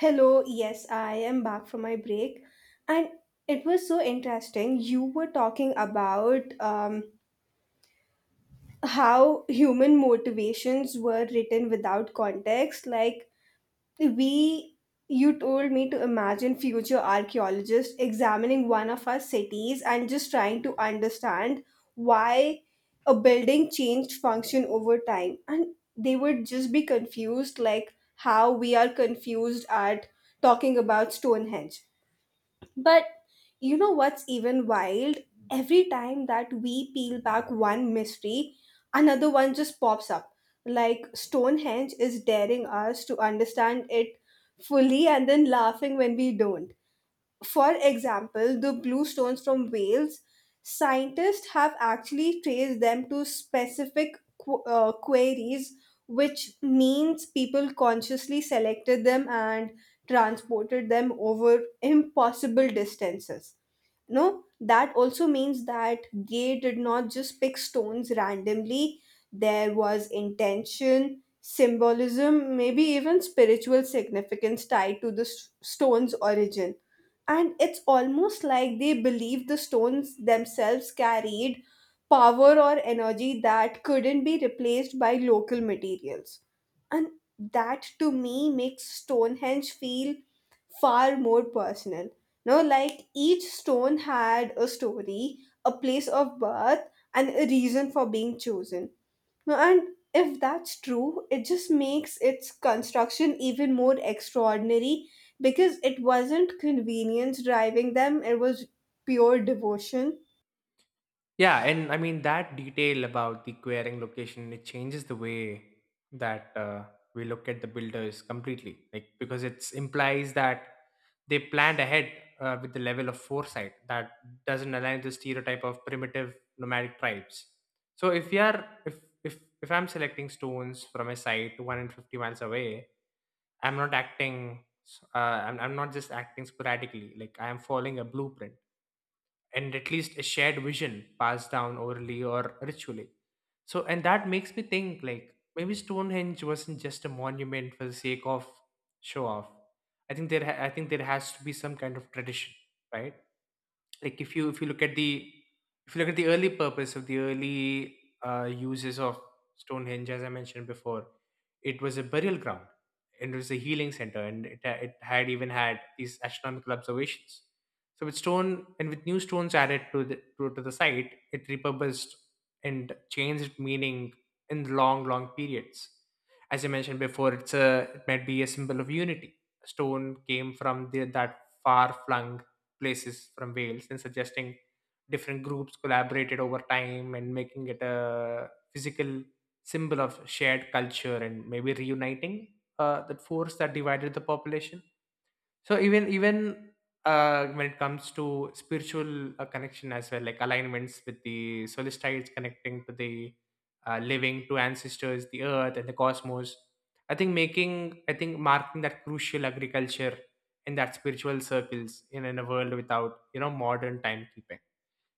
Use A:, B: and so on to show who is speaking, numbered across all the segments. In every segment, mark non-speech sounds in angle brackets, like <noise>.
A: Hello, yes, I am back from my break, and it was so interesting. You were talking about how human motivations were written without context. Like, we, you told me to imagine future archaeologists examining one of our cities and just trying to understand why a building changed function over time. And they would just be confused, like how we are confused at talking about Stonehenge. But you know what's even wild? Every time that we peel back one mystery, another one just pops up. Like Stonehenge is daring us to understand it fully and then laughing when we don't. For example, the blue stones from Wales, scientists have actually traced them to specific quarries, which means people consciously selected them and transported them over impossible distances. No, that also means that they did not just pick stones randomly. There was intention, symbolism, maybe even spiritual significance tied to the stone's origin. And it's almost like they believed the stones themselves carried power or energy that couldn't be replaced by local materials. And that to me makes Stonehenge feel far more personal. No, like each stone had a story, a place of birth, and a reason for being chosen. No, and if that's true, it just makes its construction even more extraordinary because it wasn't convenience driving them, it was pure devotion.
B: Yeah, and I mean that detail about the querying location, it changes the way that we look at the builders completely, like because it implies that they planned ahead with the level of foresight that doesn't align with the stereotype of primitive nomadic tribes. So if you are if I'm selecting stones from a site 150 miles away, I'm not acting. I'm not just acting sporadically. Like I am following a blueprint and at least a shared vision passed down orally or ritually. And that makes me think like maybe Stonehenge wasn't just a monument for the sake of show off. I think there has to be some kind of tradition, right? Like if you look at the if you look at the early purpose of the early uses of Stonehenge, as I mentioned before, it was a burial ground and it was a healing center, and it had even had these astronomical observations. So with stone and with new stones added to to the site, it repurposed and changed meaning in long long periods. As I mentioned before, it might be a symbol of unity. Stone came from that far flung places from Wales and suggesting different groups collaborated over time and making it a physical symbol of shared culture and maybe reuniting that force that divided the population. So even when it comes to spiritual connection as well, like alignments with the solstices connecting to the living, to ancestors, the earth, and the cosmos. I think marking that crucial agriculture in that spiritual circles in a world without modern timekeeping.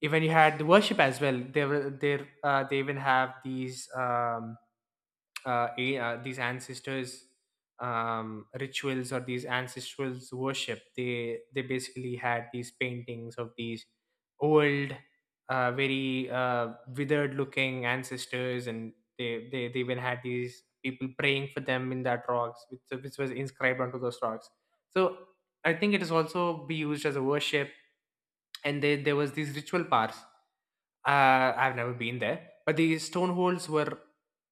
B: Even you had the worship as well. They were there. They even have these. These ancestors rituals or these ancestrals worship, they basically had these paintings of these old, very withered looking ancestors. And they even had these people praying for them in that rocks, which was inscribed onto those rocks. So I think it is also be used as a worship, and there was these ritual parts. I've never been there, but these stone holes were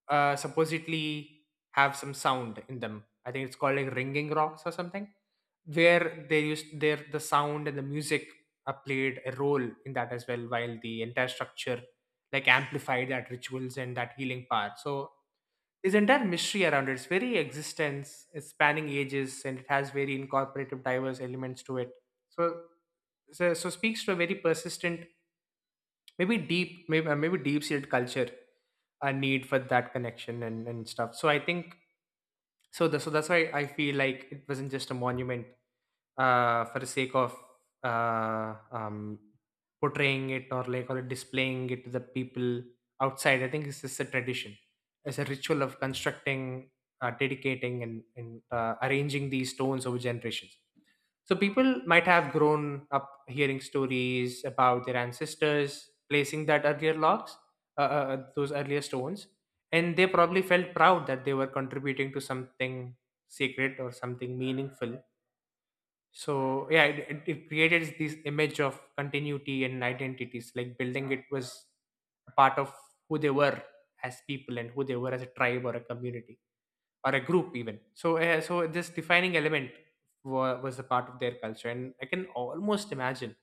B: supposedly have some sound in them. I think it's called like ringing rocks or something, where they used there the sound and the music played a role in that as well, while the entire structure like amplified that rituals and that healing power. So there's entire mystery around its very existence is spanning ages, and it has very incorporative, diverse elements to it. So so speaks to a very persistent maybe deep maybe deep seated culture, a need for that connection, and stuff. So I think so the, so that's why I feel like it wasn't just a monument for the sake of uh um portraying it, or like or displaying it to the people outside. I think it's just a tradition. It's a ritual of constructing, dedicating, and arranging these stones over generations. So people might have grown up hearing stories about their ancestors placing that earlier logs, those earlier stones, and they probably felt proud that they were contributing to something sacred or something meaningful. So yeah, it it created this image of continuity and identities. Like building it was a part of who they were as people and who they were as a tribe or a community or a group even. So this defining element was a part of their culture, and I can almost imagine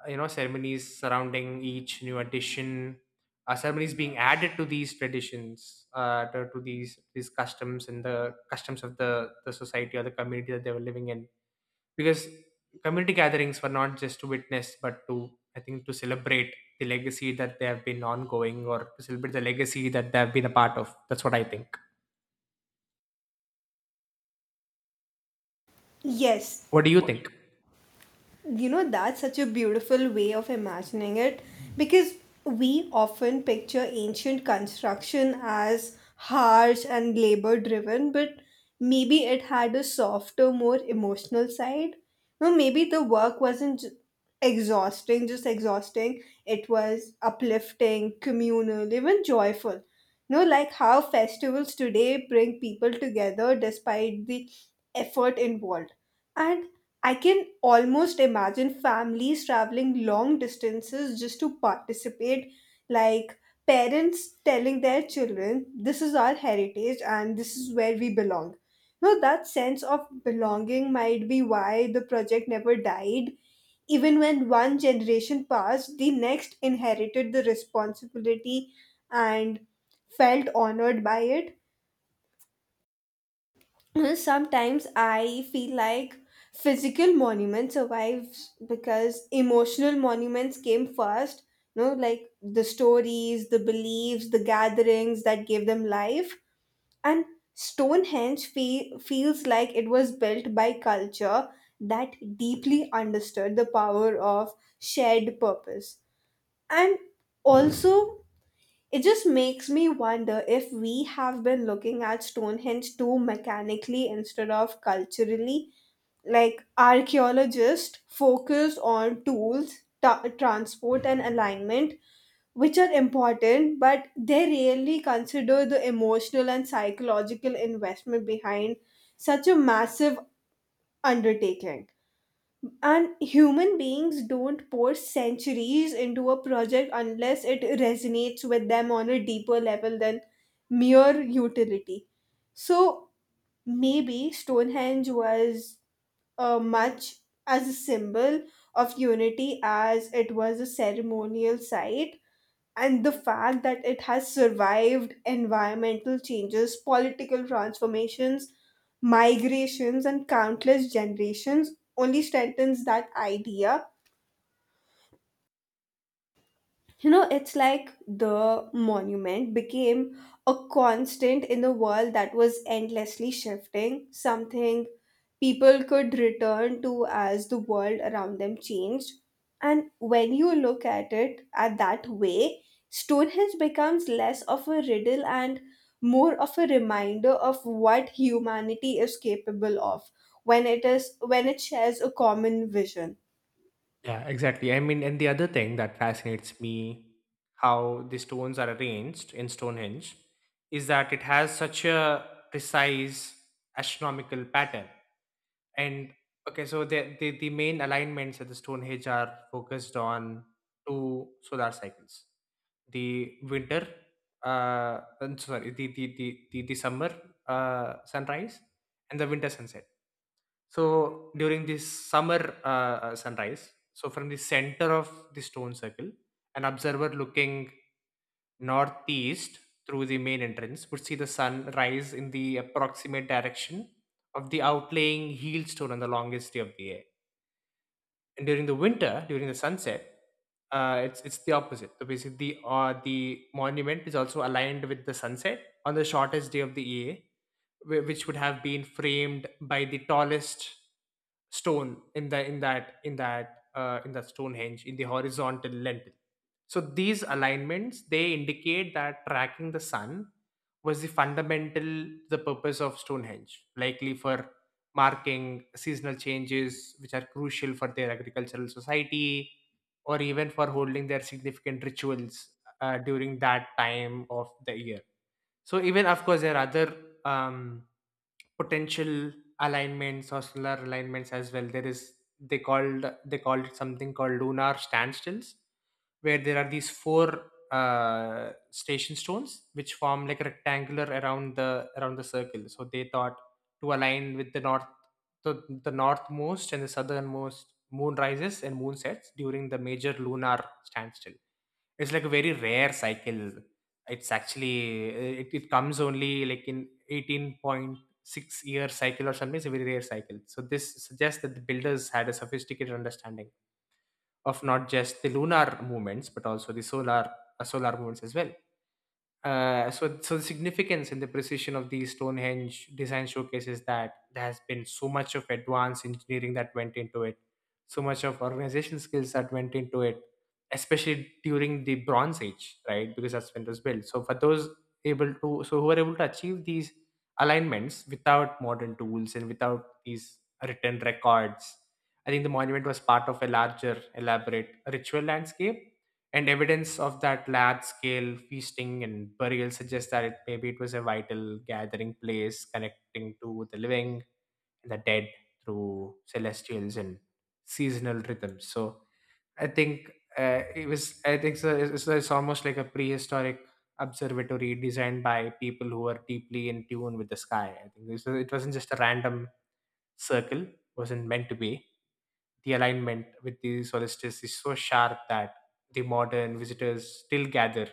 B: you know, ceremonies surrounding each new addition, ceremonies being added to these traditions, to these customs, and the customs of the society or the community that they were living in. Because community gatherings were not just to witness, but to, I think, to celebrate the legacy that they have been ongoing, or to celebrate the legacy that they have been a part of. That's what I think.
A: Yes,
B: What do you think?
A: you know that's such a beautiful way of imagining it because we often picture ancient construction as harsh and labor driven, but maybe it had a softer, more emotional side. No, maybe the work wasn't exhausting, just exhausting, it was uplifting, communal, even joyful. No, like how festivals today bring people together despite the effort involved. And I can almost imagine families traveling long distances just to participate, like parents telling their children, "This is our heritage and this is where we belong." Now, that sense of belonging might be why the project never died. Even when one generation passed, the next inherited the responsibility and felt honored by it. Sometimes I feel like physical monuments survives because emotional monuments came first, you know, like the stories, the beliefs, the gatherings that gave them life. And Stonehenge feels like it was built by culture that deeply understood the power of shared purpose. And also, it just makes me wonder if we have been looking at Stonehenge too mechanically instead of culturally. Like archaeologists focus on tools, transport, and alignment, which are important, but they rarely consider the emotional and psychological investment behind such a massive undertaking. And human beings don't pour centuries into a project unless it resonates with them on a deeper level than mere utility. So maybe Stonehenge was much as a symbol of unity as it was a ceremonial site, and the fact that it has survived environmental changes, political transformations, migrations, and countless generations only strengthens that idea. You know, it's like the monument became a constant in the world that was endlessly shifting, something people could return to as the world around them changed. And when you look at it at that way, Stonehenge becomes less of a riddle and more of a reminder of what humanity is capable of when it is, when it shares a common vision.
B: Yeah, exactly. I mean, and the other thing that fascinates me, how the stones are arranged in Stonehenge, is that it has such a precise astronomical pattern. And okay, so the main alignments at the Stonehenge are focused on two solar cycles, the winter, and sorry, the summer sunrise and the winter sunset. So during this summer sunrise, so from the center of the stone circle, an observer looking northeast through the main entrance would see the sun rise in the approximate direction of the outlying heel stone on the longest day of the year. And during the winter, during the sunset, it's it's the opposite. So basically, the monument is also aligned with the sunset on the shortest day of the year, which would have been framed by the tallest stone in the in that Stonehenge in the horizontal lentil. So these alignments, they indicate that tracking the sun was the fundamental, the purpose of Stonehenge, likely for marking seasonal changes which are crucial for their agricultural society, or even for holding their significant rituals during that time of the year. So even of course there are other um, potential alignments or solar alignments as well. There is, they called it something called lunar standstills, where there are these four station stones which form like rectangular around the circle. So they thought to align with the northmost and the southernmost moon rises and moon sets during the major lunar standstill. It's like a very rare cycle. It's actually it comes only like in 18.6-year cycle or something. It's a very rare cycle. So this suggests that the builders had a sophisticated understanding of not just the lunar movements but also the solar solar movements as well. So the significance and the precision of these Stonehenge design showcases that there has been so much of advanced engineering that went into it, so much of organization skills that went into it, especially during the Bronze Age, right? Because that's when it was built. So for those able to, so who are able to achieve these alignments without modern tools and without these written records, I think the monument was part of a larger, elaborate ritual landscape, and evidence of that large scale feasting and burial suggests that it, maybe it was a vital gathering place connecting to the living and the dead through celestials and seasonal rhythms. So I think, I think so, it's it's almost like a prehistoric observatory designed by people who were deeply in tune with the sky. I think this was, it wasn't just a random circle, wasn't meant to be. The alignment with the solstice is so sharp that the modern visitors still gather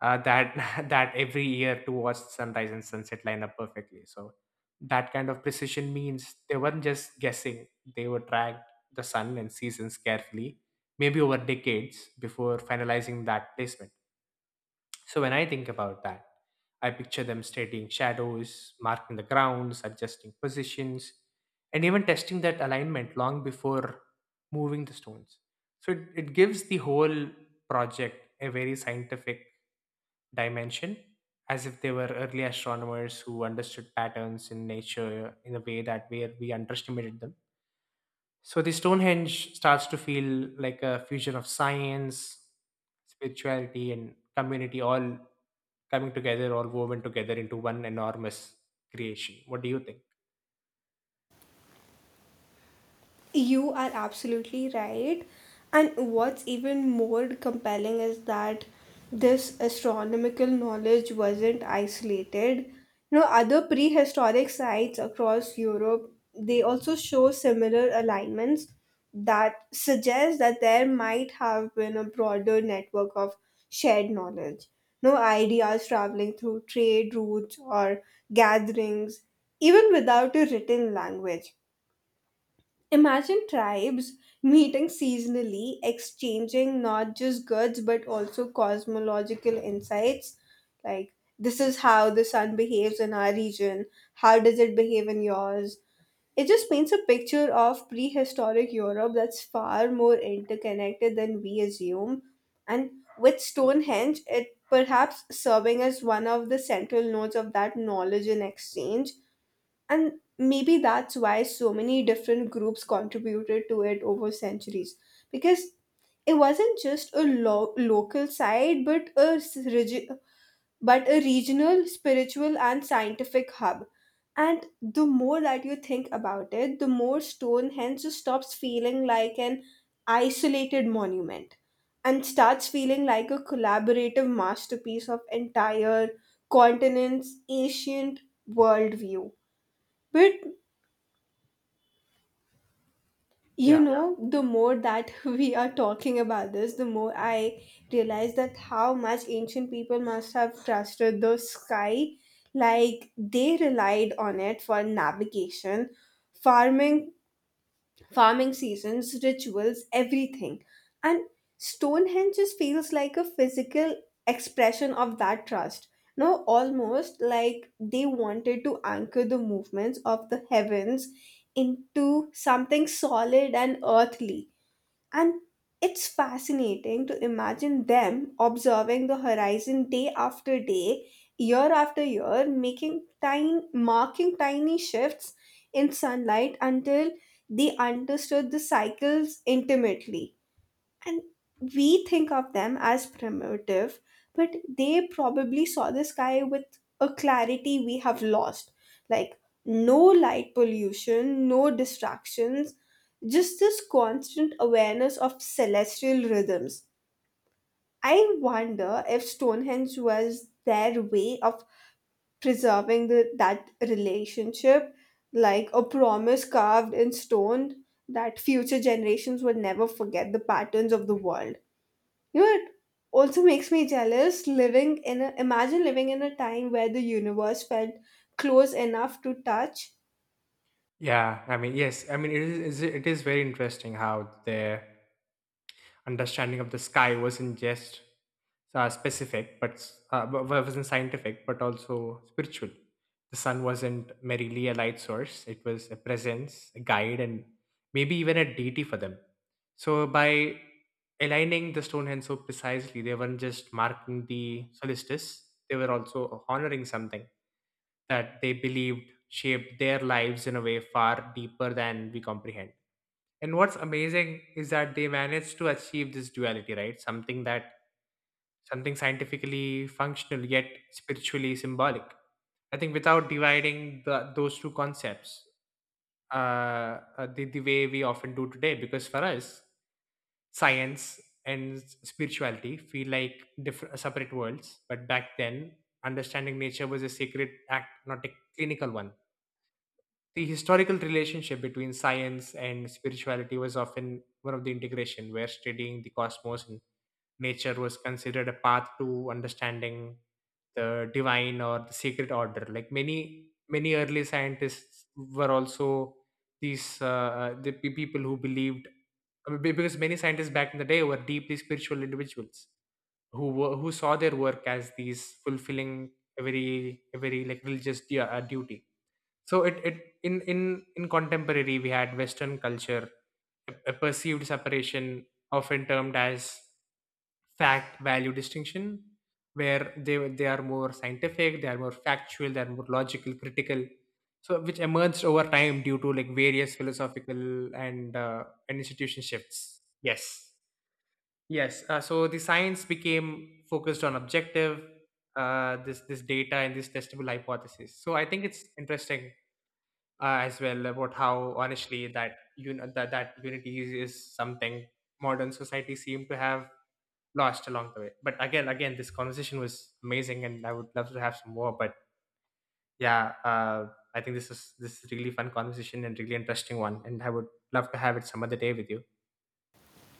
B: that <laughs> that every year to watch sunrise and sunset line up perfectly. So that kind of precision means they weren't just guessing; they were tracked the sun and seasons carefully, maybe over decades before finalizing that placement. So when I think about that, I picture them studying shadows, marking the grounds, adjusting positions, and even testing that alignment long before moving the stones. So it gives the whole project a very scientific dimension, as if they were early astronomers who understood patterns in nature in a way that where we underestimated them. So the Stonehenge starts to feel like a fusion of science, spirituality, and community, all coming together, all woven together into one enormous creation. What do you think?
A: You are absolutely right. And what's even more compelling is that this astronomical knowledge wasn't isolated. You know, other prehistoric sites across Europe, they also show similar alignments that suggest that there might have been a broader network of shared knowledge. No, ideas traveling through trade routes or gatherings, even without a written language. Imagine tribes meeting seasonally, exchanging not just goods but also cosmological insights. Like, this is how the sun behaves in our region, how does it behave in yours? It just paints a picture of prehistoric Europe that's far more interconnected than we assume. And with Stonehenge, it perhaps serving as one of the central nodes of that knowledge and exchange. And maybe that's why so many different groups contributed to it over centuries. Because it wasn't just a local site, but a, but a regional, spiritual, and scientific hub. And the more that you think about it, the more Stonehenge just stops feeling like an isolated monument and starts feeling like a collaborative masterpiece of entire continents' ancient worldview. But you know, the more that <laughs> we are talking about this, the more I realize that how much ancient people must have trusted the sky. Like they relied on it for navigation, farming farming seasons, rituals, everything. And Stonehenge just feels like a physical expression of that trust. Now, almost like they wanted to anchor the movements of the heavens into something solid and earthly. And it's fascinating to imagine them observing the horizon day after day, year after year, marking tiny shifts in sunlight until they understood the cycles intimately. And we think of them as primitive, but they probably saw the sky with a clarity we have lost. Like no light pollution, no distractions, just this constant awareness of celestial rhythms. I wonder if Stonehenge was their way of preserving the, that relationship, like a promise carved in stone that future generations would never forget the patterns of the world. You know, it also makes me jealous living in a, imagine living in a time where the universe felt close enough to touch.
B: Yeah, I mean, yes, I mean, it is very interesting how their understanding of the sky wasn't just specific, but wasn't scientific, but also spiritual. The sun wasn't merely a light source; it was a presence, a guide, and maybe even a deity for them. So by aligning the Stonehenge so precisely, they weren't just marking the solstice; they were also honoring something that they believed shaped their lives in a way far deeper than we comprehend. And what's amazing is that they managed to achieve this duality, right? Something scientifically functional, yet spiritually symbolic. I think without dividing those two concepts, the way we often do today, because for us, science and spirituality feel like different separate worlds. But back then, understanding nature was a sacred act, not a clinical one. The historical relationship between science and spirituality was often one of the integration, where studying the cosmos and nature was considered a path to understanding the divine or the sacred order. Like many many early scientists were also these uh, people who believed, I mean, because many scientists back in the day were deeply spiritual individuals who saw their work as these fulfilling a very like religious duty. So it in contemporary we had western culture a perceived separation often termed as fact value distinction, where they are more scientific, they are more factual, they are more logical critical. So which emerged over time due to like various philosophical and uh, and institution shifts. Yes, yes. So the science became focused on objective, this data and this testable hypothesis. So I think it's interesting as well about how honestly that you know that unity is something modern society seem to have lost along the way. But again again, this conversation was amazing and I would love to have some more, but yeah. I think this is really fun conversation and really interesting one, and I would love to have it some other day with you.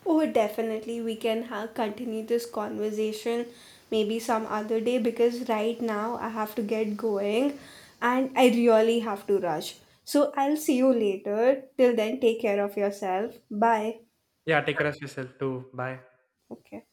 A: Oh, definitely, we can continue this conversation maybe some other day because right now I have to get going and I really have to rush. So I'll see you later. Till then, take care of yourself. Bye.
B: Yeah, take care of yourself too. Bye.
A: Okay.